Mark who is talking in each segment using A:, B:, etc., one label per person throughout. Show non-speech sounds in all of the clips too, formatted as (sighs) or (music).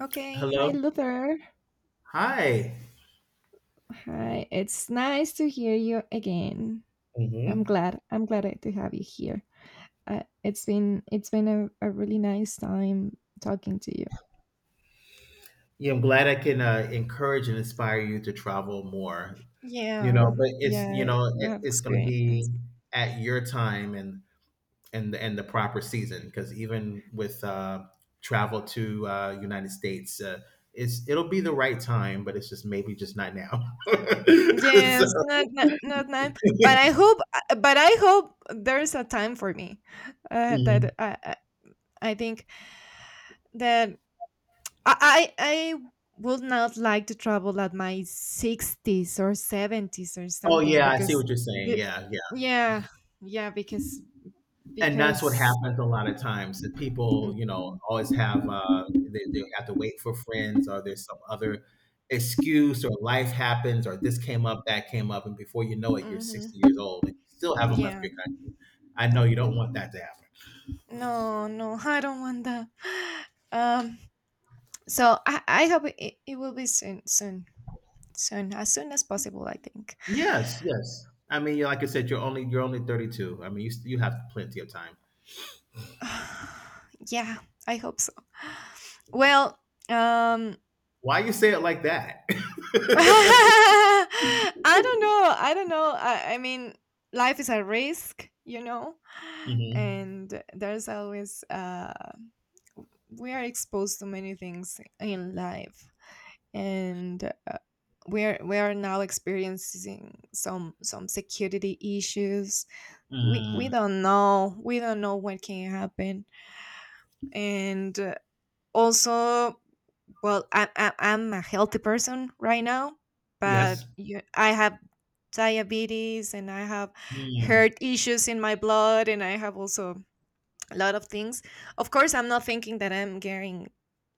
A: Okay, hi
B: Hello.
A: Luther.
B: Hi.
A: Hi, it's nice to hear you again. I'm
B: hmm
A: glad. I'm glad to have you here. It's been a, really nice time talking to you.
B: Yeah, I'm glad I can encourage and inspire you to travel more. You know,
A: Yeah,
B: but it's you
A: yeah,
B: know
A: you
B: it,
A: have
B: It's going to be
A: experience.
B: at your time and and the proper season, because even with travel to United States, it'll be the right time, but it's just maybe just not now. (laughs)
A: Yes,
B: So-
A: not now, but
B: (laughs)
A: I hope but I hope there's a time for me. That
B: Mhm.
A: I think that I would not like to travel at my 60s or 70s or
B: Oh
A: something
B: yeah, I see
A: because
B: what you're saying.
A: y-
B: Yeah, yeah.
A: yeah, yeah because
B: And that's what
A: because
B: happens a lot of times, that people, you know, always have they have to wait for friends, or there's some other excuse, or life happens, or this came up, that came up, and before you know it you're 60
A: hmm,
B: years old and you still haven't left
A: yeah.
B: your country. I know you don't want that to happen.
A: No, no, I don't want that. (sighs) Um so I hope it, it will be soon, as soon as possible, I think.
B: Yes, yes, I mean, like I said, you're only 32. I mean, you have plenty of time.
A: (sighs) Yeah, I hope so. Well, um
B: Why you say it like that?
A: (laughs)
B: (laughs)
A: I don't know. I don't know. I mean, life is a risk, you know,
B: Mhm.
A: and there's always, we are exposed to many things in life. And uh, we are now experiencing some security issues. We
B: Mm.
A: don't know. We don't know what can happen. And also, well, I'm a healthy person right now, but
B: Yes.
A: I have diabetes, and I have
B: Mm.
A: heart issues in my blood, and I have also a lot of things. Of course, I'm not thinking that I'm getting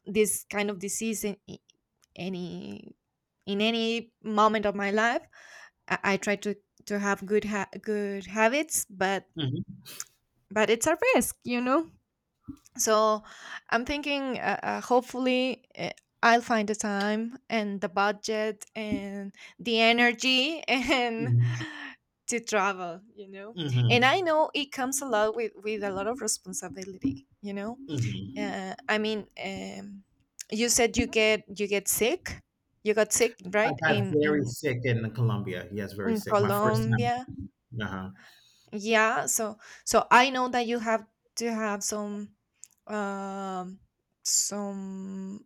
A: this kind of disease in any any moment of my life. I try to have good habits, but
B: Mhm.
A: it's a risk, you know. So I'm thinking, hopefully, I'll find the time and the budget and the energy (laughs) and
B: Mhm.
A: to travel, you know. And I
B: Mhm.
A: know it comes a lot with a lot of responsibility, you know.
B: Mhm.
A: I mean, you said you got sick,
B: I
A: right,
B: got
A: in
B: very sick in Colombia. Yes, very sick. My first time.
A: Colombia.
B: Uh-huh.
A: Yeah. I know that you have to have some, um some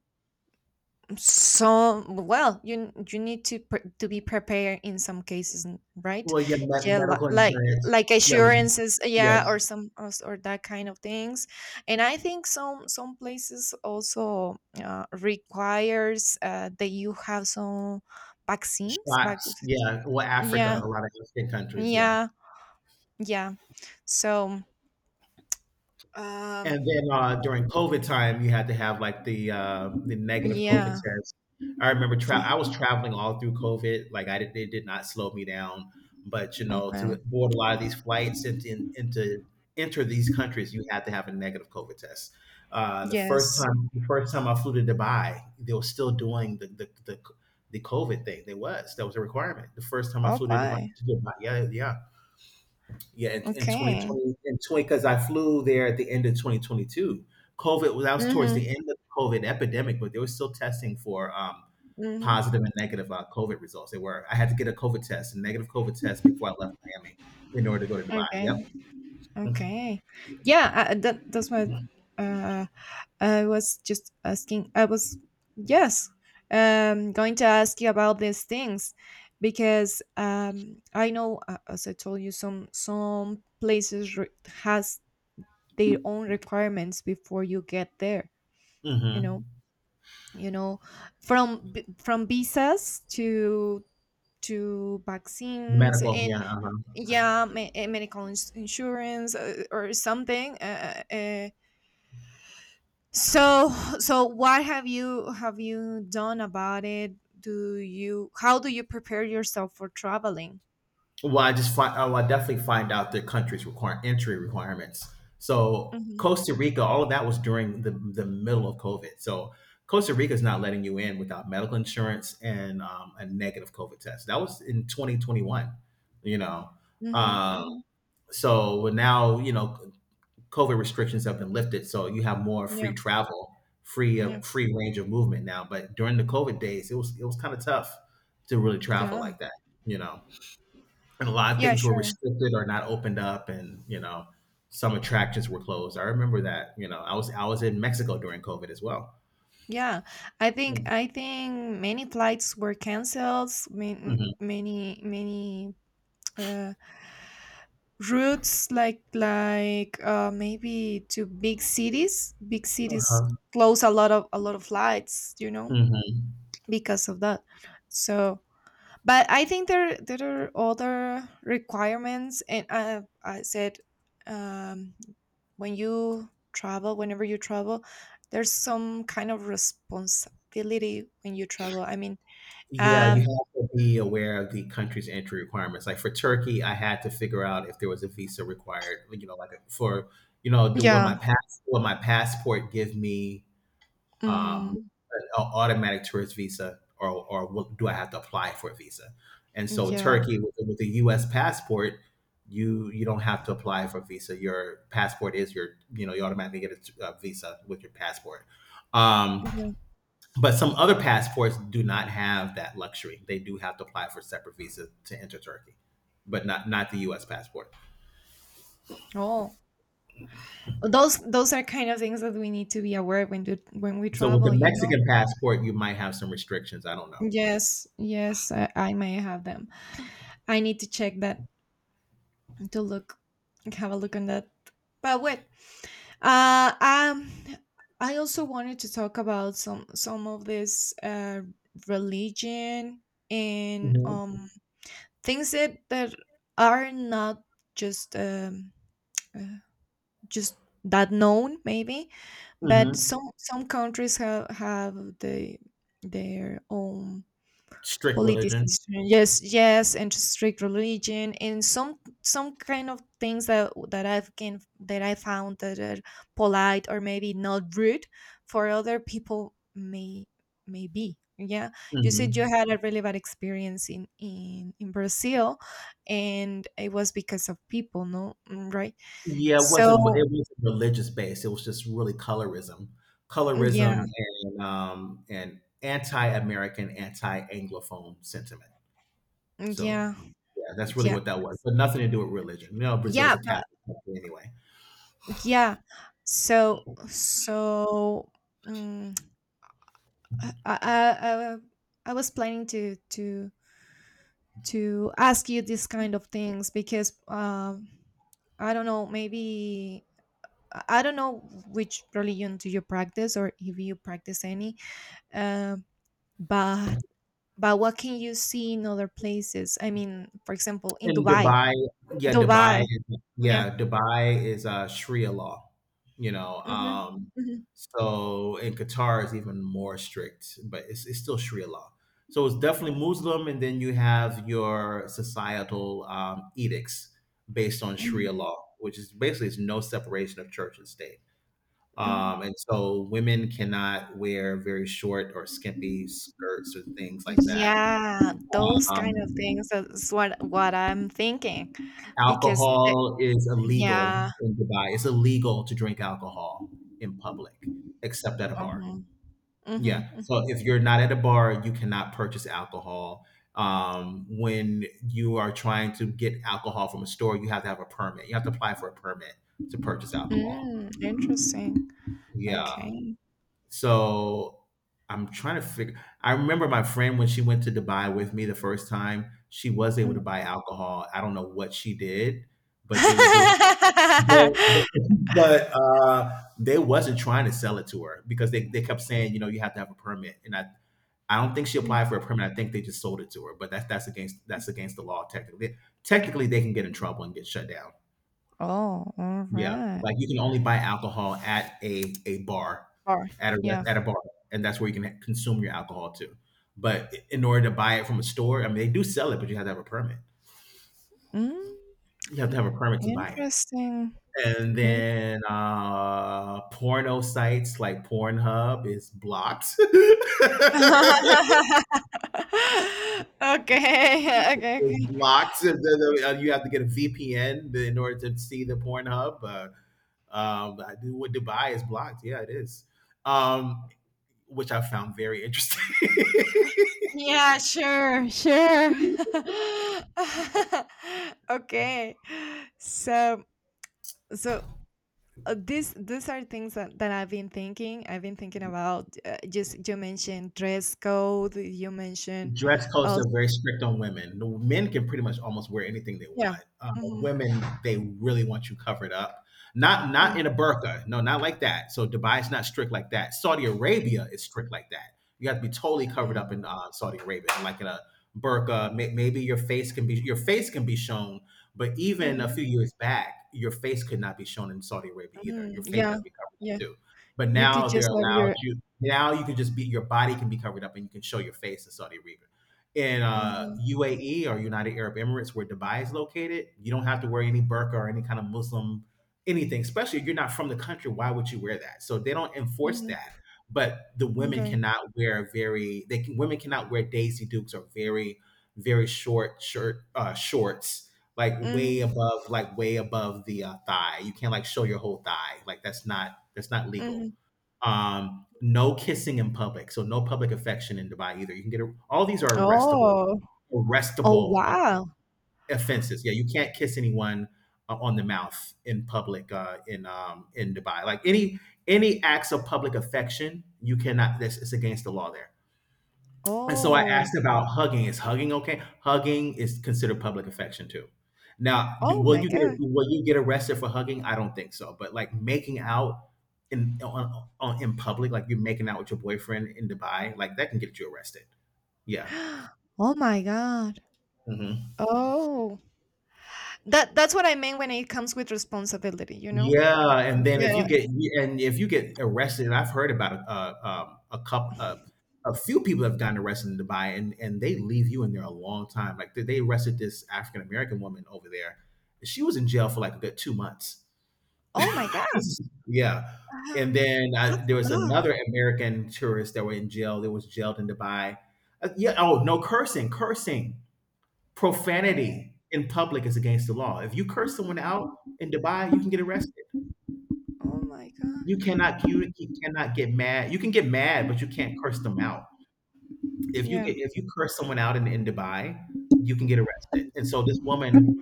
A: so, well, you need to be prepared in some cases, right?
B: Well, yeah,
A: Yeah,
B: medical insurance.
A: like
B: Yeah,
A: assurances, yeah, or
B: yes,
A: or that kind of things. And I think some places also requires that you have some vaccines. Back.
B: shots. Yeah, well, Africa,
A: Yeah,
B: a lot of African countries. Yeah.
A: yeah, yeah. So,
B: And
A: um,
B: then during COVID time, you had to have like the negative COVID
A: yeah,
B: test. I remember tra- I
A: yeah.
B: was traveling all through COVID. Like I did, it did not slow me down. But you know, to
A: Okay.
B: board a lot of these flights and to enter these countries, you had to have a negative COVID test.
A: Yes.
B: The first time I flew to Dubai, they were still doing the COVID thing. They was that was a requirement. The first time I flew to Dubai,
A: Okay.
B: to Dubai, yeah, yeah. Yeah, in
A: Okay.
B: 2020, in 20, because I flew there at the end of 2022. COVID was, that was towards the
A: Mhm.
B: end of the COVID epidemic, but they were still testing for
A: Mhm.
B: positive and negative COVID results. They were, I had to get a COVID test, a negative COVID test before I left Miami in order to go to Dubai.
A: Okay. Okay. Yeah, that's what
B: Yep.
A: uh, I was just asking. I was, yes, going to ask you about these things because, I know, as I told you, some places has their own requirements before you get there. You know,
B: hmm
A: you know, from visas to vaccines,
B: Medical.
A: and
B: Yeah. Uh-huh.
A: yeah, insurance, or something. So, so what have you done about it? Do you how do you prepare yourself for traveling?
B: Well, I just find, oh, I definitely find out the country's require entry requirements. So
A: Mhm.
B: Costa Rica, all of that was during the middle of COVID. So Costa Rica is not letting you in without medical insurance and a negative COVID test. That was in 2021. You know,
A: Mhm.
B: um,
A: Mhm.
B: so well, now you know COVID restrictions have been lifted, so you have more free
A: Yeah.
B: travel, free
A: Yeah.
B: free range of movement now. But during the COVID days, it was kind of tough to really travel
A: Yeah.
B: like that. You know, and a lot of
A: Yeah,
B: things were
A: sure.
B: restricted or not opened up, and you know, some attractions were closed. I remember that. You know, I was in Mexico during COVID as well.
A: Yeah.
B: Mhm.
A: I think many flights were canceled, many, many, many, uh routes, like, maybe to big cities. Big cities
B: Uh-huh.
A: close a lot of flights, you know,
B: Mhm.
A: because of that. So, but I think there are other requirements, and I said, um, when you travel, whenever you travel, there's some kind of responsibility when you travel. I mean,
B: Yeah, you
A: um,
B: have to be aware of the country's entry requirements. Like for Turkey, I had to figure out if there was a visa required, you know, like for you know, do what
A: yeah,
B: my passport give me, um,
A: hmm,
B: an automatic tourist visa, or what? Do I have to apply for a visa? And so
A: yeah,
B: Turkey, with a U.S. passport, you don't have to apply for a visa. Your passport is your, you know, you automatically get a, a visa with your passport. Um,
A: yeah.
B: but some other passports do not have that luxury. They do have to apply for separate visa to enter Turkey, but not the U.S. passport.
A: Oh, those are kind of things that we need to be aware when when we
B: So with the
A: travel. You know.
B: Mexican passport, you might have some restrictions. I don't know.
A: Yes, yes, I may have them. I need to check that, to look have a look on that. But wait, uh, um, I also wanted to talk about some of this, religion, and,
B: hmm
A: things that are not just, uh, just that known maybe, but
B: hmm
A: some countries have the their own
B: Strict religion.
A: politicization, yes, yes, and strict religion, and some kind of things that I found that are polite or maybe not rude for other people, may be yeah. You said you
B: hmm
A: had a really bad experience in Brazil, and it was because of people. No. Mm, right.
B: Yeah, it
A: So
B: wasn't religious based, it was just really colorism. Colorism
A: yeah,
B: and anti-American, anti-Anglophone sentiment. So,
A: yeah,
B: yeah, that's really
A: yeah,
B: what that was, but nothing to do with religion. You know,
A: yeah,
B: Brazil's a Catholic country anyway.
A: yeah. so so mm, I, I, I, I was planning to ask you this kind of things because, I don't know, maybe I don't know which religion do you practice, or if you practice any, um, but what can you see in other places? I mean, for example, in
B: And
A: Dubai.
B: Dubai, yeah, Dubai,
A: Dubai, yeah.
B: yeah, Dubai is Sharia law, you know.
A: Hmm. Hmm.
B: So in Qatar is even more strict, but it's still Sharia law. So it's definitely Muslim, and then you have your societal edicts based on Sharia
A: Hmm.
B: law, which is basically it's no separation of church and state.
A: Hmm.
B: And so women cannot wear very short or skimpy skirts or things like that.
A: Yeah, those kind
B: Um,
A: of things. That's what I'm thinking, because
B: Alcohol is illegal
A: yeah.
B: in Dubai. It's illegal to drink alcohol in public, except at a bar.
A: Mhm. Mhm.
B: Yeah. So
A: Mm.
B: if you're not at a bar, you cannot purchase alcohol. When you are trying to get alcohol from a store, you have to have a permit. You have to apply for a permit to purchase alcohol.
A: Mm, interesting.
B: Yeah.
A: Okay.
B: So I'm trying to figure. I remember my friend when she went to Dubai with me the first time, she was able
A: Mm.
B: to buy alcohol. I don't know what she did, but they would there was. But,
A: Mm. (laughs)
B: but they wasn't trying to sell it to her, because they kept saying, you know, you have to have a permit. And I don't think she applied for a permit. I think they just sold it to her. But that's against the law technically. Technically, they can get in trouble and get shut down.
A: Oh, all
B: Yeah,
A: right.
B: like you can only buy alcohol at a bar,
A: Or
B: at a
A: yeah.
B: at a bar, and that's where you can consume your alcohol too. But in order to buy it from a store, I mean, they do sell it, but you have to have a permit.
A: Mm,
B: You have to have a permit to buy it.
A: interesting.
B: And
A: In-
B: then porno sites like Pornhub is blocked.
A: (laughs)
B: (laughs)
A: okay. Okay.
B: It's
A: Okay.
B: blocked. You have to get a VPN in order to see the Pornhub. I do- what Dubai is blocked. Yeah, it is. Um, which I found very interesting. (laughs)
A: Yeah. Sure. Sure. (laughs) okay. So. So these are things that I've been thinking. I've been thinking about, just you mentioned dress code. You mentioned,
B: Dress codes
A: oh
B: are very strict on women. The men can pretty much almost wear anything they
A: yeah,
B: want.
A: mm-hmm,
B: Women, they really want you covered up. Not not
A: mm,
B: in a burqa. No, not like that. So Dubai's not strict like that. Saudi
A: mm,
B: Arabia is strict like that. You have to be totally covered up
A: mm,
B: in Saudi Arabia, like in a burqa. Maybe your face can be shown, but even a
A: mm,
B: few years back, your face could not be shown in Saudi Arabia either.
A: mm,
B: Your face has
A: yeah,
B: to be covered up
A: yeah.
B: too. But
A: You could
B: now they're
A: just have
B: allowed,
A: your...
B: now you can just be your body can be covered up and you can show your face in Saudi Arabia. In
A: Mm-hmm,
B: UAE or United Arab Emirates, where Dubai is located, you don't have to wear any burqa or any kind of Muslim anything. Especially if you're not from the country, why would you wear that? So they don't enforce
A: mm-hmm,
B: that. But the women
A: okay.
B: cannot wear very they can, women cannot wear Daisy Dukes or very short shirt shorts, like
A: Mm-hmm,
B: way above the thigh. You can't like show your whole thigh. Like that's not legal.
A: mm-hmm.
B: No kissing in public, so no public affection in Dubai either. You can get a, all these are arrestable,
A: Oh. Oh
B: arrestable
A: wow.
B: offenses. Yeah, you can't kiss anyone on the mouth in public in Dubai. Like any acts of public affection, you cannot. This it's against the law there. And so I
A: Oh.
B: asked about hugging. Is hugging okay? Hugging is considered public affection too. Now,
A: Oh
B: will
A: my
B: you get,
A: God.
B: will you get arrested for hugging? I don't think so. But like making out in on in public, like you're making out with your boyfriend in Dubai, like that can get you arrested. Yeah.
A: (gasps) Oh my God.
B: Mhm.
A: Oh, that's what I mean when it comes with responsibility. You know.
B: Yeah, and then if you
A: Yeah.
B: get, and if you get arrested, and I've heard about a couple a few people have gotten arrested in Dubai, and they leave you in there a long time. Like they arrested this African American woman over there. She was in jail for like a good two months.
A: Oh my
B: (laughs) Yeah,
A: God.
B: and then I,
A: That's
B: there
A: a
B: was
A: lot.
B: another American tourist that were in jail. That was jailed in Dubai. Yeah. Oh no, cursing, cursing,
A: Oh,
B: profanity in public is against the law. If you curse someone out in Dubai, you can get arrested.
A: oh my
B: You
A: god.
B: cannot you cannot get mad. You can get mad, but you can't curse them out. If you get
A: Yeah.
B: if you curse someone out in Dubai, you can get arrested. And so this woman,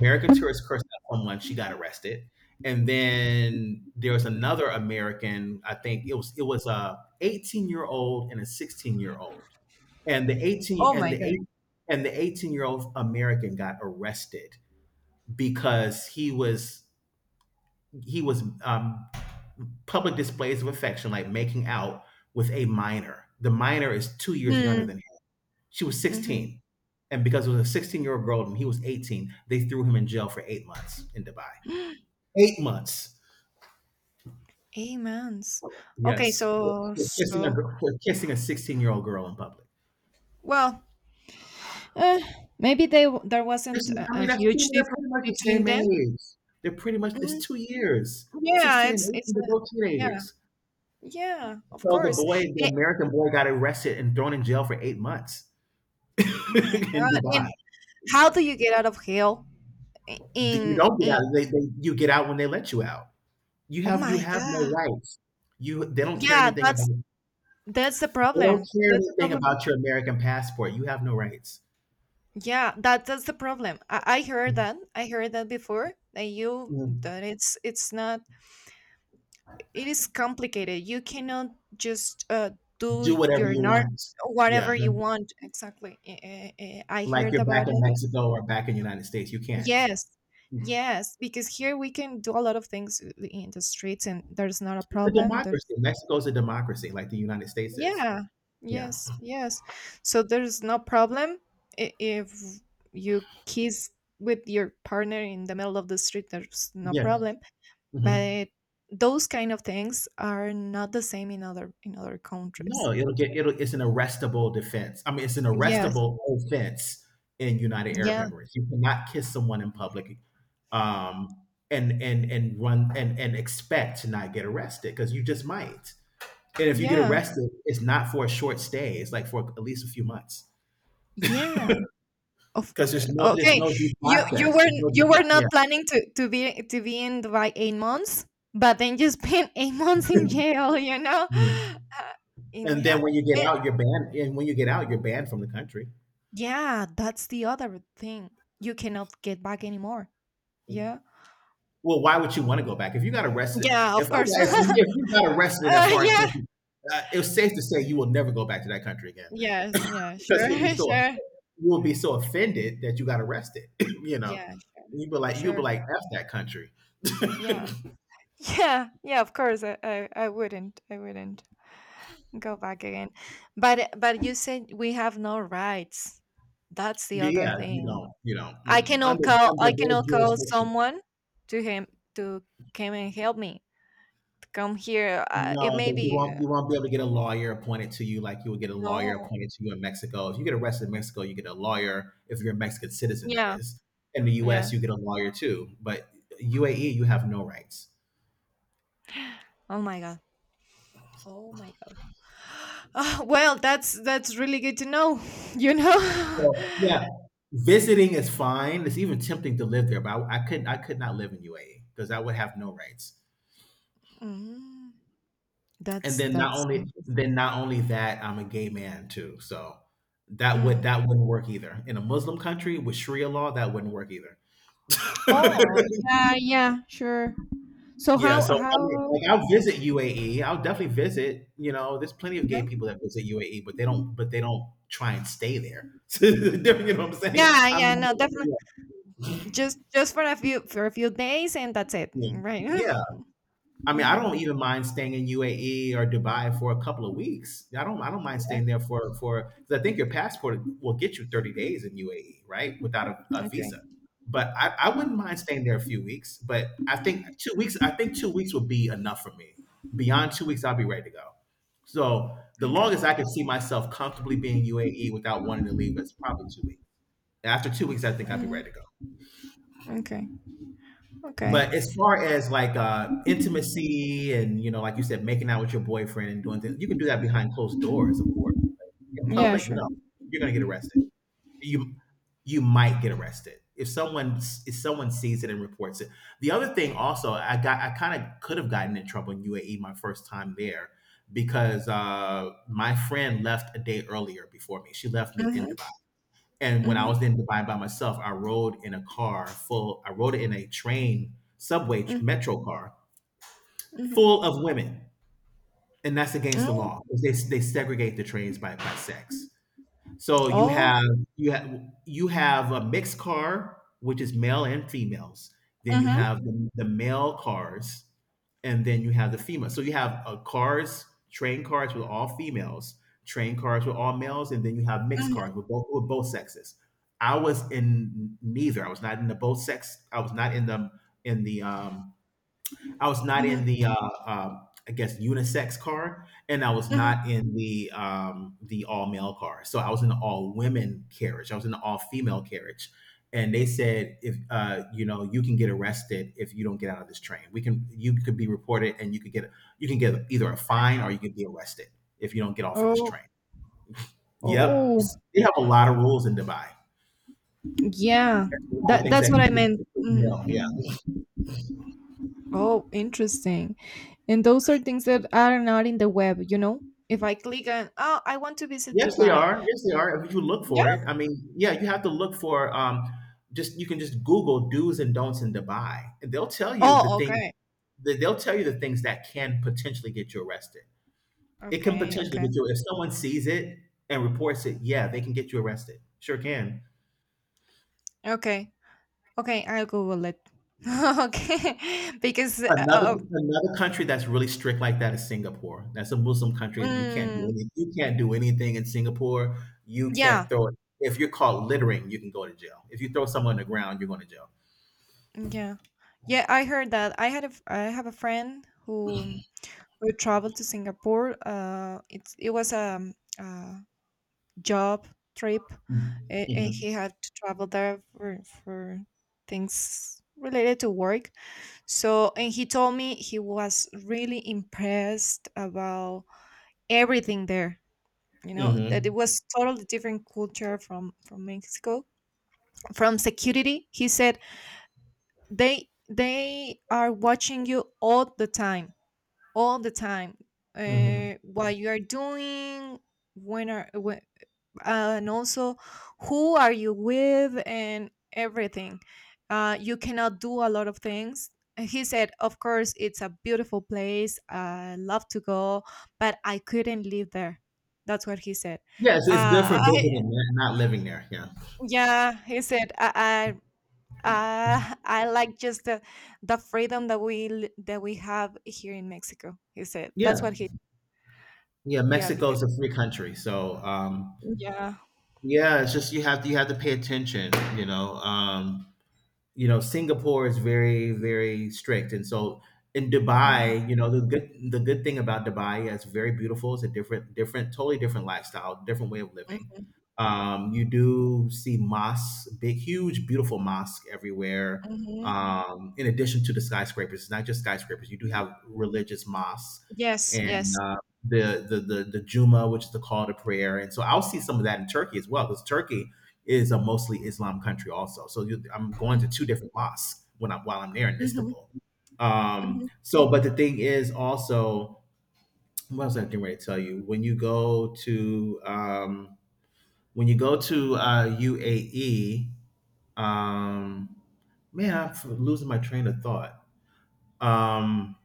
B: American tourist cursed out someone, she got arrested. And then there was another American, I think it was a 18-year-old and a 16-year-old. And the 18
A: Oh
B: and
A: my
B: the
A: god.
B: 8 and the 18-year-old American got arrested because he was public displays of affection, like making out with a minor. The minor is two years younger than
A: Hmm.
B: him. She was
A: Mm-hmm.
B: 16. And because it was a 16-year-old girl and he was 18, they threw him in jail for 8 months in Dubai.
A: (gasps)
B: 8 months.
A: 8 months. Okay.
B: Yes. Kissing a for kissing a 16-year-old girl in public.
A: Well, uh, maybe there wasn't
B: I
A: a
B: mean,
A: huge
B: they're pretty
A: difference
B: much the
A: between
B: same
A: them.
B: age. It's
A: Mm,
B: 2 years.
A: yeah.
B: 16 and 18,
A: It's
B: they're
A: not-
B: both
A: yeah,
B: teenagers.
A: yeah, of
B: So the
A: course.
B: boy, the
A: Eh,
B: American boy, got arrested and thrown in jail for 8 months (laughs)
A: oh my
B: in
A: god.
B: Dubai.
A: And how do you get out of hell? I-
B: Th You don't get
A: In
B: out. They you get out when they let you out.
A: oh
B: You
A: my
B: have no
A: god.
B: rights. You they don't care
A: Yeah.
B: anything about they
A: That's the
B: don't
A: problem.
B: care
A: That's the
B: anything
A: problem.
B: about your American passport. You have no rights.
A: Yeah, that's the problem. I heard that. I heard that before. That you
B: Mm,
A: that it's not, it is complicated. You cannot just
B: do
A: do
B: whatever
A: your
B: you
A: nar
B: want. Yeah,
A: whatever you want. Exactly. I
B: like
A: heard
B: you're back
A: about
B: in
A: it.
B: Mexico or back in the United States. You can't. It's
A: Yes. Yes, because here we can do a lot of things in the streets, and there's not a
B: a
A: problem. There's
B: democracy. Mexico's a democracy like the United States is.
A: Yeah.
B: Yeah.
A: Yes. Yes. So there's no problem if you kiss with your partner in the middle of the street. There's no
B: Yeah.
A: problem,
B: Mhm.
A: but those kind of things are not the same in other
B: No,
A: countries.
B: it'll get it'll it's an arrestable defense. I mean, it's an
A: Yes.
B: arrestable offense in United Arab
A: Yeah.
B: Emirates. You cannot kiss someone in public um and run and expect to not get arrested because you just might. And if you get
A: Yeah.
B: arrested, it's not for a short stay. It's like for at least a few months.
A: Yeah.
B: Because there's
A: Okay.
B: no due
A: You
B: process. There's no due
A: were not
B: process.
A: planning to be in Dubai 8 months, but then you spent eight (laughs) months in jail. You know,
B: Yeah. Mhm.
A: in
B: And then
A: ha-
B: when you get
A: a-
B: out, you're banned. And when you get out, you're banned from the country.
A: yeah, that's the other thing. You cannot get back anymore. Yeah.
B: Well, why would you want to go back?
A: Yeah,
B: If
A: of
B: I got,
A: course. (laughs)
B: if if you got arrested in a foreign
A: Yeah.
B: country, it safe to say you will never go back to that country again
A: Yes. Yeah.
B: because
A: Sure. (laughs) Sure.
B: you will be so offended that you got arrested. (clears throat) (laughs) You
A: Yeah. Sure.
B: you'll be like
A: Sure.
B: f that country.
A: Yeah.
B: (laughs)
A: Yeah. Yeah. Of course. I wouldn't go back again. But you said we have no rights. That's the other
B: Yeah,
A: thing.
B: you don't under
A: I
B: their
A: cannot call
B: jurisdiction.
A: someone, to him to come and help me. Come here. It
B: No,
A: may
B: because
A: be,
B: you won't be able to get a lawyer appointed to you like you would get a
A: no.
B: lawyer appointed to you in Mexico. If you get arrested in Mexico, you get a lawyer if you're a Mexican citizen, that
A: Yeah.
B: is. In the
A: Yeah.
B: US, you get a lawyer too, but UAE, you have no rights.
A: Oh my god. Oh my god. (gasps) Ah, well, that's really good to know. (laughs) You know.
B: So,
A: (laughs)
B: yeah, visiting is fine. It's even tempting to live there, but I couldn't. I could not live in UAE because I would have no rights.
A: Mm,
B: And then not
A: that's
B: only
A: interesting.
B: then not only that, I'm a gay man too, so
A: Mm.
B: that wouldn't work either. In a Muslim country with Sharia law, that wouldn't work either.
A: Oh
B: (laughs)
A: yeah, yeah, sure. So
B: Yeah, so I mean,
A: how
B: like I'll visit UAE. I'll definitely visit. You know, there's plenty of gay
A: yeah,
B: people that visit UAE, but they don't. But they don't try and stay there. (laughs) You know what I'm saying?
A: yeah,
B: I'm.
A: yeah, no, definitely, just for a few days, and that's it, right? (laughs)
B: Yeah. I mean, I
A: Mhm.
B: don't even mind staying in UAE or Dubai for a couple of weeks. I don't mind
A: Yeah.
B: staying there for because I think your passport will get you 30 days in UAE, right? Without a
A: Okay.
B: visa. But I wouldn't mind staying there a few weeks. But I think 2 weeks would be enough for me. Beyond 2 weeks, I'll be ready to go. So the
A: Okay.
B: longest I could see myself comfortably being UAE without wanting to leave is probably 2 weeks. After 2 weeks, I think I'd be ready
A: Mhm.
B: to go.
A: Okay. Okay.
B: But as far as like intimacy and like you said, making out with your boyfriend and doing things, you can do that behind closed doors, of course. In
A: Yeah.
B: public,
A: Sure.
B: no, you're gonna get arrested. You you might get arrested if someone sees it and reports it. The other thing also, I kind of could have gotten in trouble in UAE my first time there because my friend left a day earlier before me. She left me in,
A: Mm-hmm.
B: and when I
A: Mm-hmm.
B: was in Dubai by myself, I rode in a train, subway, metro car
A: Mm-hmm.
B: full of women. And that's against the law. They segregate the trains by sex. So
A: Oh.
B: you have you have a mixed car, which is male and females. Then you
A: Mm-hmm.
B: have the male cars, and then you have the female. So you have cars, train cars with all females, train cars with all males, and then you have mixed cars with both sexes. I was in neither. I was not in the both sex. In the um, I was not in
A: Mm-hmm.
B: the I guess unisex car, and I was
A: Mm-hmm.
B: not in the all male car. So I was in the all women carriage. I was in the all female carriage, and they said if you know you can get arrested if you don't get out of this train. We can You could be reported, and you can get either a fine or you could be arrested if you don't get off of this
A: Oh.
B: train. Yep,
A: Oh,
B: they have a lot of rules in Dubai.
A: yeah.
B: A lot of things
A: That's what I
B: that
A: meant. Mhm,
B: yeah, yeah.
A: mhm. Oh, interesting. And those are things that are not in the web, you know? If I click on, oh, I want to visit
B: Yes, they
A: Dubai.
B: are. Yes, they are. If you look
A: Yeah.
B: for it, I mean, yeah, you have to look for just you can just Google do's and don'ts in Dubai, and they'll tell you the
A: Oh,
B: thing.
A: okay.
B: They'll tell you the things that can potentially get you arrested. It can
A: Okay,
B: potentially get
A: okay.
B: you if someone sees it and reports it. Yeah, they can get you arrested. Sure can.
A: Okay. Okay, I'll Google it. (laughs) okay. (laughs) Because,
B: Another country that's really strict like that is Singapore. That's a Muslim country.
A: mm,
B: You can't do anything in Singapore. You can't
A: yeah.
B: throw it. If you're caught littering, you can go to jail. If you throw someone on the ground, you're going to jail.
A: Yeah. Yeah, I heard that. I have a friend who traveled to Singapore. It was a job trip,
B: Mm.
A: and,
B: Mhm.
A: he had to travel there for things related to work. So, and he told me he was really impressed about everything there. You know that it
B: Mhm.
A: was totally different culture from Mexico. From security, he said they are watching you all the time, all the time.
B: Mhm.
A: What you are doing, when are when, and also who are you with and everything. You cannot do a lot of things. And he said, of course, it's a beautiful place. I love to go, but I couldn't live there. That's what he said.
B: Yeah, it's good for
A: I,
B: visiting, not living there. Yeah.
A: yeah, he said, I like just the freedom that that we have here in Mexico. He said
B: Yeah.
A: that's what he...
B: Yeah,
A: Yeah,
B: Mexico
A: because
B: is a free country. So,
A: yeah.
B: yeah, it's just you have to pay attention, you know, um, Singapore is very very strict. And so in Dubai,
A: Mhm,
B: the good thing about Dubai is very beautiful. It's a different, different, totally different lifestyle, different way of living.
A: mhm,
B: You do see mosques, big huge beautiful mosque everywhere,
A: mhm.
B: in addition to the skyscrapers. It's not just skyscrapers. You do have religious mosques,
A: Yes,
B: and
A: yes.
B: the juma, which is the call to prayer. And so I'll see some of that in Turkey as well, because Turkey is a mostly Islam country also. So I'm going to two different mosques when I'm while I'm there in
A: Mhm.
B: Istanbul.
A: Mhm,
B: So, but the thing is also, what was I getting ready to tell you? When you go to UAE. um, Man, losing my train of thought. Um,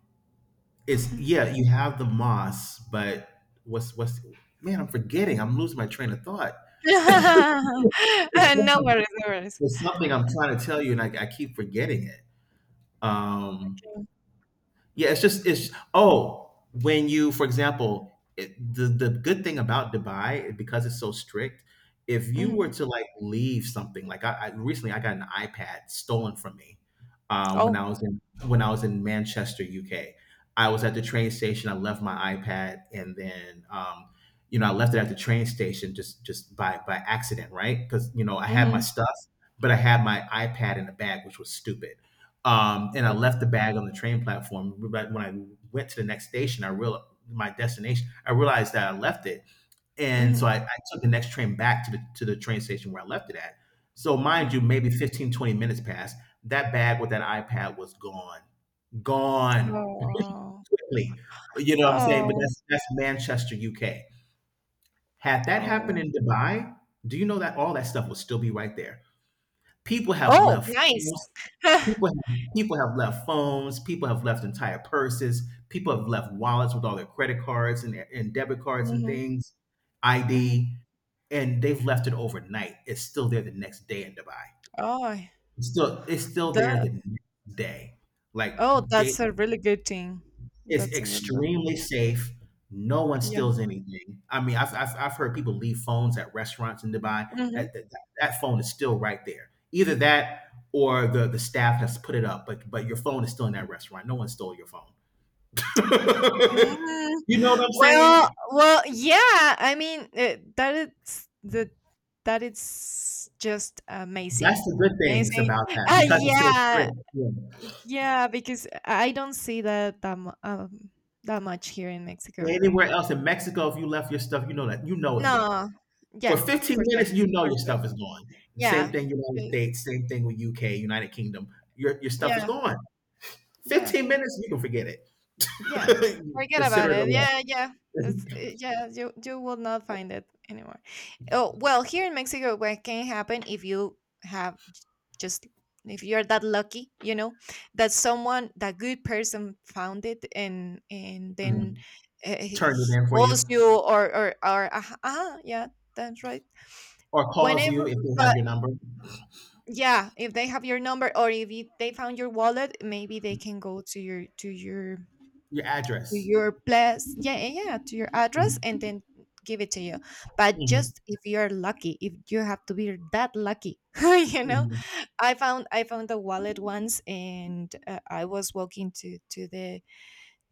B: it's
A: mm.
B: Yeah, you have the mosque, but what's man, I'm forgetting. I'm losing my train of thought.
A: (laughs)
B: It's
A: No
B: something,
A: worries, no worries.
B: it's something I'm trying to tell you, and I keep forgetting it. Um,
A: Mm,
B: yeah, it's just it's oh when you for example, it, the good thing about Dubai, because it's so strict. If you were
A: mhm.
B: to like leave something, like I got an iPad stolen from me, uh, when
A: Oh.
B: I was in when I was in Manchester, UK. I was at the train station. I left my iPad, and then I left it at the train station just by accident, right? Because I had my
A: Mhm.
B: stuff, but I had my iPad in the bag, which was stupid. And I left
A: Okay.
B: the bag on the train platform. But when I went to the next station, I realized my destination. I realized that I left it, and so
A: Mhm,
B: I took the next train back to the train station where I left it at. So mind
A: mhm.
B: you, maybe 15-20 minutes passed. That bag with that iPad was gone, gone (laughs)
A: Oh.
B: quickly. You know what I'm saying? But
A: Oh.
B: that's Manchester, UK. Had that happened
A: Oh.
B: in Dubai, do you know that all that stuff would still be right there? People have
A: Oh,
B: left
A: nice.
B: phones, People
A: (laughs)
B: have, people have left phones. People have left entire purses. People have left wallets with all their credit cards and debit cards and
A: Mhm,
B: things,
A: mhm.
B: ID, and they've left it overnight. It's still there the next day in Dubai.
A: Oh,
B: It's still there
A: the
B: the next day. Like
A: oh,
B: they
A: that's a really good thing.
B: It's
A: That's a really good
B: extremely safe. No one
A: yeah.
B: steals anything. I mean, I've heard people leave phones at restaurants in Dubai.
A: Mhm.
B: That phone is still right there. Either that or the staff has put it up, but your phone is still in that restaurant. No one stole your phone. (laughs)
A: Mm,
B: You know what I'm saying?
A: well, yeah, I mean, eh, that it's just
B: That's
A: amazing.
B: the good things
A: Amazing.
B: about that because it's so
A: Yeah,
B: strict. Yeah.
A: yeah, because I don't see that much here in Mexico.
B: Anywhere else in Mexico, if you left your stuff, you know that you know it's gone.
A: No,
B: For
A: yeah,
B: 15
A: for sure,
B: minutes, you know
A: for
B: your
A: sure.
B: stuff is gone. Same
A: Yeah,
B: thing United
A: y-
B: States, same thing with UK, United Kingdom. Your stuff is
A: yeah,
B: gone.
A: yeah.
B: 15 minutes, you can forget it.
A: Yeah,
B: (laughs)
A: forget
B: Consider
A: about
B: it a
A: it.
B: loss.
A: Yeah, yeah. Yeah, you will not find it anymore. Oh, well, here in Mexico, what can happen if you have just, if you're that lucky, you know, that someone, that good person found it and then
B: Mm.
A: uh, he
B: Turn it
A: he
B: in for
A: calls
B: you,
A: you, or, yeah, that's right.
B: or calls you
A: Whenever,
B: if they have
A: but
B: your number,
A: yeah, if they have your number, or if you, they found your wallet, maybe they can go to your to your
B: your
A: to
B: address.
A: your place, yeah, yeah, yeah, to your address,
B: Mm.
A: and then give it to you, but
B: Mhm.
A: just if you're lucky, if you have to be that lucky. (laughs) you know
B: Mhm.
A: i found i found a wallet once, and I was walking to to the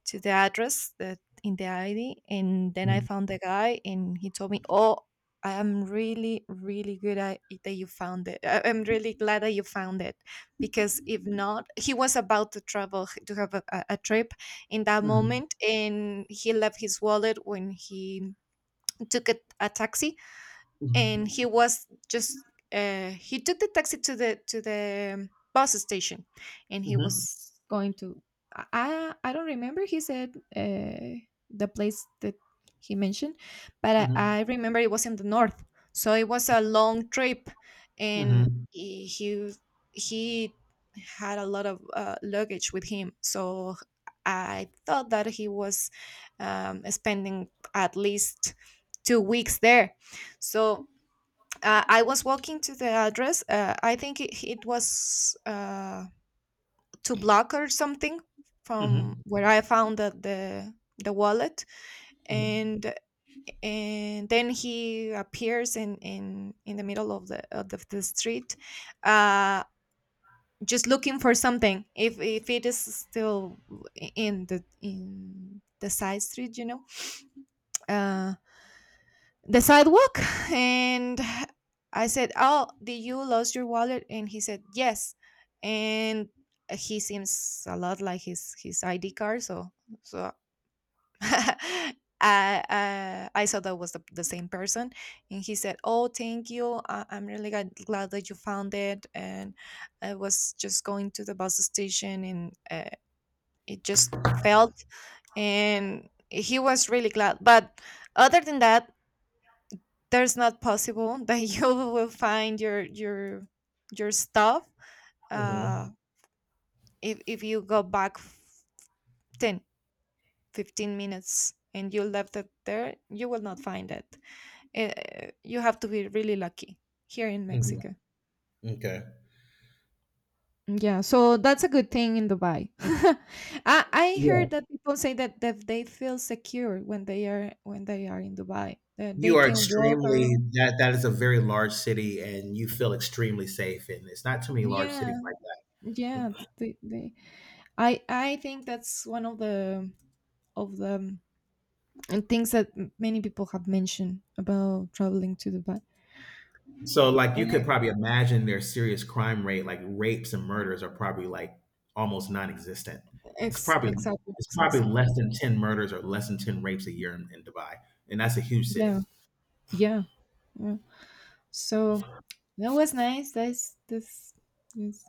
A: to the address that in the ID, and then I
B: Mhm.
A: found the guy, and he told me, "Oh, I am really, really good at it that you found it. I'm really glad that you found it, because if not, he was about to travel to have a trip in that
B: Mhm.
A: moment, and he left his wallet when he took a taxi, and he was just, he took the taxi to the bus station, and he
B: Mhm.
A: was going to. I don't remember, he said, uh, the place that he mentioned, but
B: Mhm. Mhm.
A: I remember it was in the north, so it was a long trip, and
B: Mhm.
A: he had a lot of luggage with him, so I thought that he was spending at least 2 weeks there. So I was walking to the address. I think it was, two block or something from
B: Mhm.
A: where I found the wallet,
B: Mhm.
A: and and then he appears in the middle of the street, uh, just looking for something, if it is still in the side street. Uh, the sidewalk, and I said, "Oh, did you lose your wallet?" And he said, "Yes." And he seems a lot like his ID card, so so (laughs) I saw that was the same person, and he said, "Oh, thank you, I'm really glad that you found it, and I was just going to the bus station," and it just felt, and he was really glad. But other than that, that's not possible, but (laughs) you will find your stuff, uh
B: Mhm.
A: if you go back 10, 15 minutes, and you left it there, you will not find it. You have to be really lucky here in
B: Mhm.
A: Mexico.
B: Okay.
A: Yeah, so that's a good thing in Dubai. (laughs) I
B: Yeah.
A: heard that people say that, that they feel secure when they are in Dubai. That
B: You
A: they
B: are
A: can walk
B: extremely
A: around.
B: that is a very large city and you feel extremely safe, and it's not too many large
A: Yeah,
B: cities like that.
A: yeah. They I think that's one of the of the um, and things that many people have mentioned about traveling to Dubai.
B: So like you
A: Eh,
B: could probably imagine their serious crime rate, like rapes and murders are probably like almost non-existent. It's
A: Ex-
B: probably
A: exactly,
B: it's probably
A: exactly.
B: less than 10 murders or less than 10 rapes a year in Dubai. And that's a huge city.
A: Yeah, yeah, yeah. So that was nice. That's this. Yes.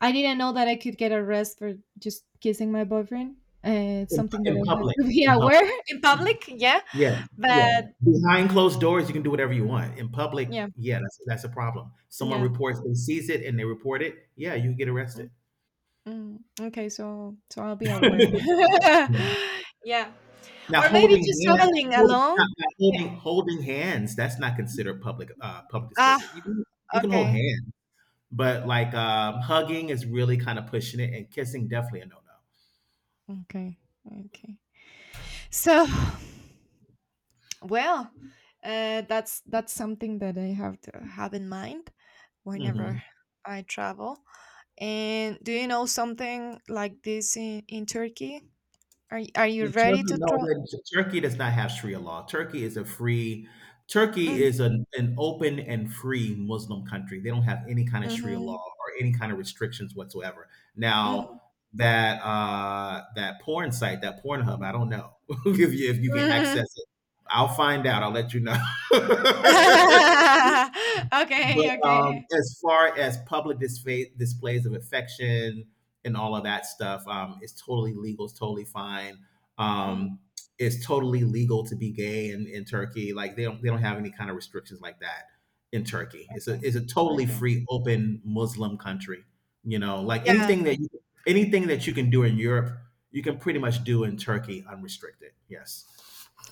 A: I didn't know that I could get arrested for just kissing my boyfriend. It's something that
B: In
A: I had
B: public,
A: to be
B: in
A: aware
B: public.
A: (laughs) in public. Yeah,
B: Yes, yeah.
A: but
B: Behind closed doors, you can do whatever you want. In public,
A: yeah,
B: yeah, that's a problem. Someone
A: yeah.
B: reports, they sees it and they report it, yeah, you get arrested.
A: Mm, mm. Okay, so I'll be aware.
B: (laughs)
A: (laughs) Yeah.
B: Now
A: Or maybe
B: holding
A: just
B: hand,
A: traveling
B: holding,
A: alone?
B: now now
A: Eh,
B: holding, holding hands, that's not considered public, public
A: Ah,
B: displays. You can you can hold
A: okay.
B: hands, but, like, hugging is really kinda pushing it, and kissing, definitely a no-no.
A: Okay. Okay. So, (sighs) well, that's something that I have to have in mind whenever
B: Mhm.
A: I travel. And do you know something like this in Turkey? Are you
B: In
A: ready
B: Turkey,
A: to
B: no,
A: travel?
B: that- Turkey does not have Sharia law. Turkey is a free, Turkey is an open and free Muslim country. They don't have any kind of Sharia law
A: Mm-hmm.
B: or any kind of restrictions whatsoever. Now,
A: Hmm.
B: that porn site, that Pornhub, I don't know (laughs) if you can
A: Hmm.
B: access it. I'll find out. I'll let you know. (laughs)
A: (laughs)
B: But
A: Okay, okay.
B: as far as public display, displays of affection and all of that stuff, it's totally legal. It's totally fine.
A: Mm,
B: Um, it's totally legal to be gay in Turkey. Like they don't have any kind of restrictions like that in Turkey.
A: okay,
B: It's a totally
A: okay.
B: free, open Muslim country. You know, like
A: Yeah,
B: anything that you can do in Europe, you can pretty much do in Turkey unrestricted. Yes.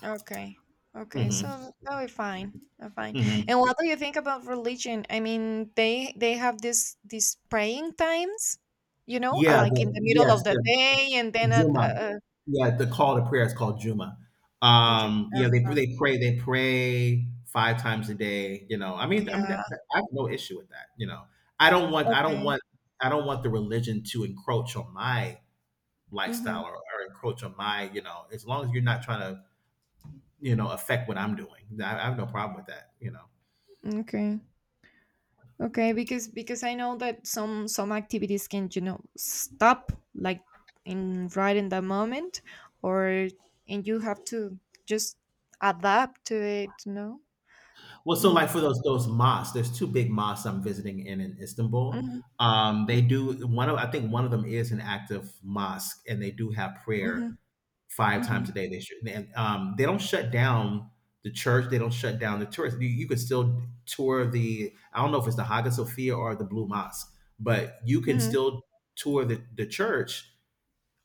A: okay. Okay.
B: Hmm.
A: So that'll be fine. That'll be fine.
B: Hmm.
A: And what do you think about religion? I mean, they have this these praying times, you know,
B: Yeah.
A: like in
B: The,
A: the middle
B: yes.
A: of the
B: The
A: day, and then at,
B: Cuma. Yeah, the call to prayer is called Juma.
A: okay.
B: Yeah, they they pray 5 times a day. You know,
A: Yeah.
B: that, that, I have no issue with that. You know, I don't want I don't
A: Okay.
B: want I don't want the religion to encroach on my
A: Mm-hmm.
B: lifestyle, or encroach on my you know. As long as you're not trying to you know affect what I'm doing, I have no problem with that. You know.
A: Okay. Okay. Because I know that some activities can, stop, like, in right in the moment, or, and you have to just adapt to it. No.
B: Well, so
A: Mm-hmm.
B: like for those mosques, there's 2 big mosques I'm visiting in Istanbul. They do one of I think one of them is an active mosque, and they do have prayer
A: Mm-hmm.
B: five
A: Mm-hmm.
B: times a day. They should, and they don't shut down the church. They don't shut down the tourists. You can still tour the. I don't know if it's the Hagia Sophia or the Blue Mosque, but you can
A: Mhm.
B: still tour the church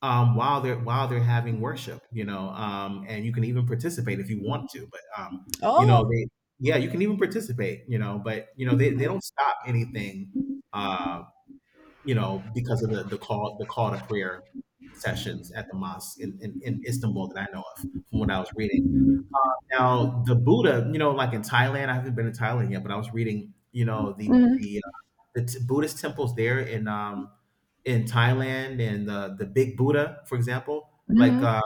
B: while they're having worship, you know, and you can even participate if you want to. But you know,
A: Oh.
B: they yeah, you can even participate, you know, but you know, they
A: Mhm.
B: don't stop anything, uh, you know, because of the call to prayer sessions at the mosque in Istanbul that I know of from what I was reading. Now the Buddha, you know, like in Thailand, I haven't been in Thailand yet, but I was reading, you know, the
A: Mhm.
B: the the t- Buddhist temples there in Thailand and the Big Buddha, for example, like
A: Mhm.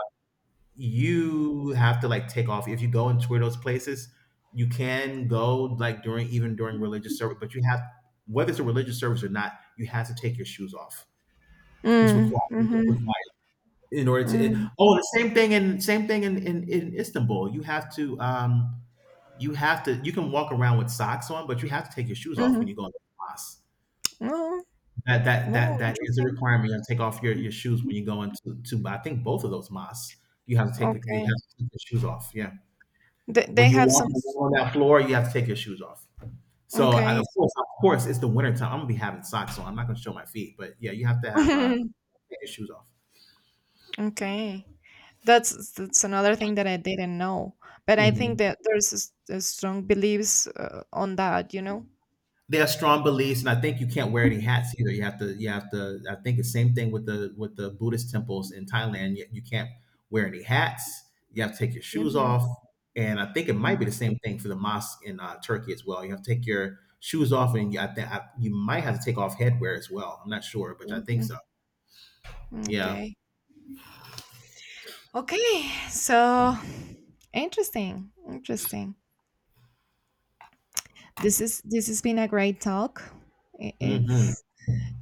B: you have to like take off if you go into those places. You can go like during even during religious service, but you have, whether it's a religious service or not, you have to take your shoes off. It's required. It's
A: Mhm.
B: required in order to. It,
A: Mhm.
B: oh, the same thing in Istanbul. You have to you have to you can walk around with socks on, but you have to take your shoes off when
A: Mhm.
B: you go into class.
A: Oh,
B: That that that
A: oh,
B: that is a
A: interesting.
B: requirement. You have to take off your shoes when you go into to I think both of those mosques. You have to take
A: Okay.
B: your shoes off. Yeah.
A: They
B: When
A: they
B: you
A: have
B: walk
A: some s-.
B: on that floor, you have to take your shoes off. So I,
A: Okay.
B: of course, it's the winter time. I'm gonna be having socks on. I'm not gonna show my feet, but yeah, you have to have
A: (laughs)
B: take your shoes off.
A: Okay. That's another thing that I didn't know. But I
B: Mhm.
A: think that there's a strong beliefs, on that.
B: They have strong beliefs, and I think you can't wear any hats either. You have to, you have to. I think the same thing with the Buddhist temples in Thailand. You can't wear any hats. You have to take your shoes
A: Hmm.
B: off, and I think it might
A: Hmm.
B: be the same thing for the mosque in Turkey as well. You have to take your shoes off, and you, you might have to take off headwear as well. I'm not sure, but I think so. Yeah.
A: Okay. Okay. So, interesting. Interesting. This has been a great talk. If
B: Hmm.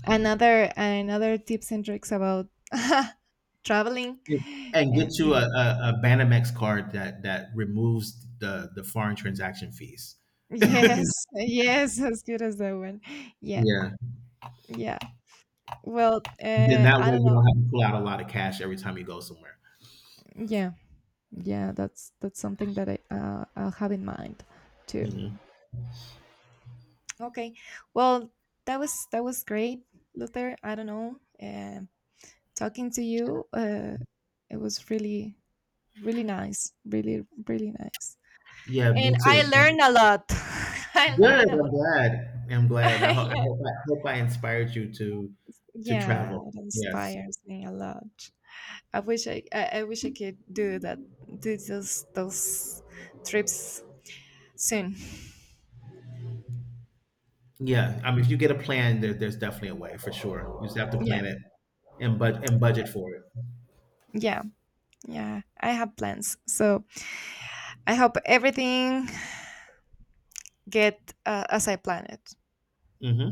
A: another tips and tricks about (laughs) traveling,
B: And
A: and
B: get
A: you
B: you
A: know,
B: a Banamex card that that removes the foreign transaction fees.
A: yes, (laughs) yes, as good as that one, yeah,
B: Yeah.
A: yeah. Well,
B: Then that
A: I
B: way
A: don't
B: you
A: know,
B: don't have to pull out a lot of cash every time you go somewhere.
A: yeah, yeah, that's something that I'll have in mind too.
B: Mhm.
A: Okay, well, that was great, Luther, I don't know, um talking to you, it was really, really nice, really, really nice.
B: Yeah,
A: And
B: me too.
A: I
B: Good.
A: learned a lot. (laughs)
B: I'm
A: I learned a lot.
B: glad. I'm glad. And
A: (laughs) Yeah,
B: I hope I inspired you to
A: yeah,
B: travel.
A: it
B: Yes.
A: inspires me a lot. I wish I wish I could do that, do those trips soon.
B: Yeah. I mean, if you get a plan, there, there's definitely a way for sure. You just have to
A: Yeah,
B: plan it and budget for it.
A: yeah, yeah. I have plans, so I hope everything get, as I plan it.
B: Hmm.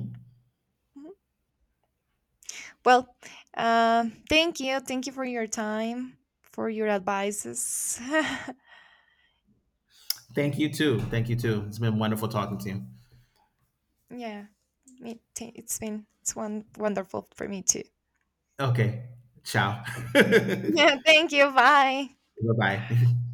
A: Mhm. Well, thank you for your time, for your advices.
B: Thank you too. Thank you too. It's been wonderful talking to you.
A: (laughs) Yeah, it's been, it's one wonderful for me too. (laughs)
B: Okay. Ciao. (laughs) Bye
A: Yeah, thank you. Bye.
B: bye.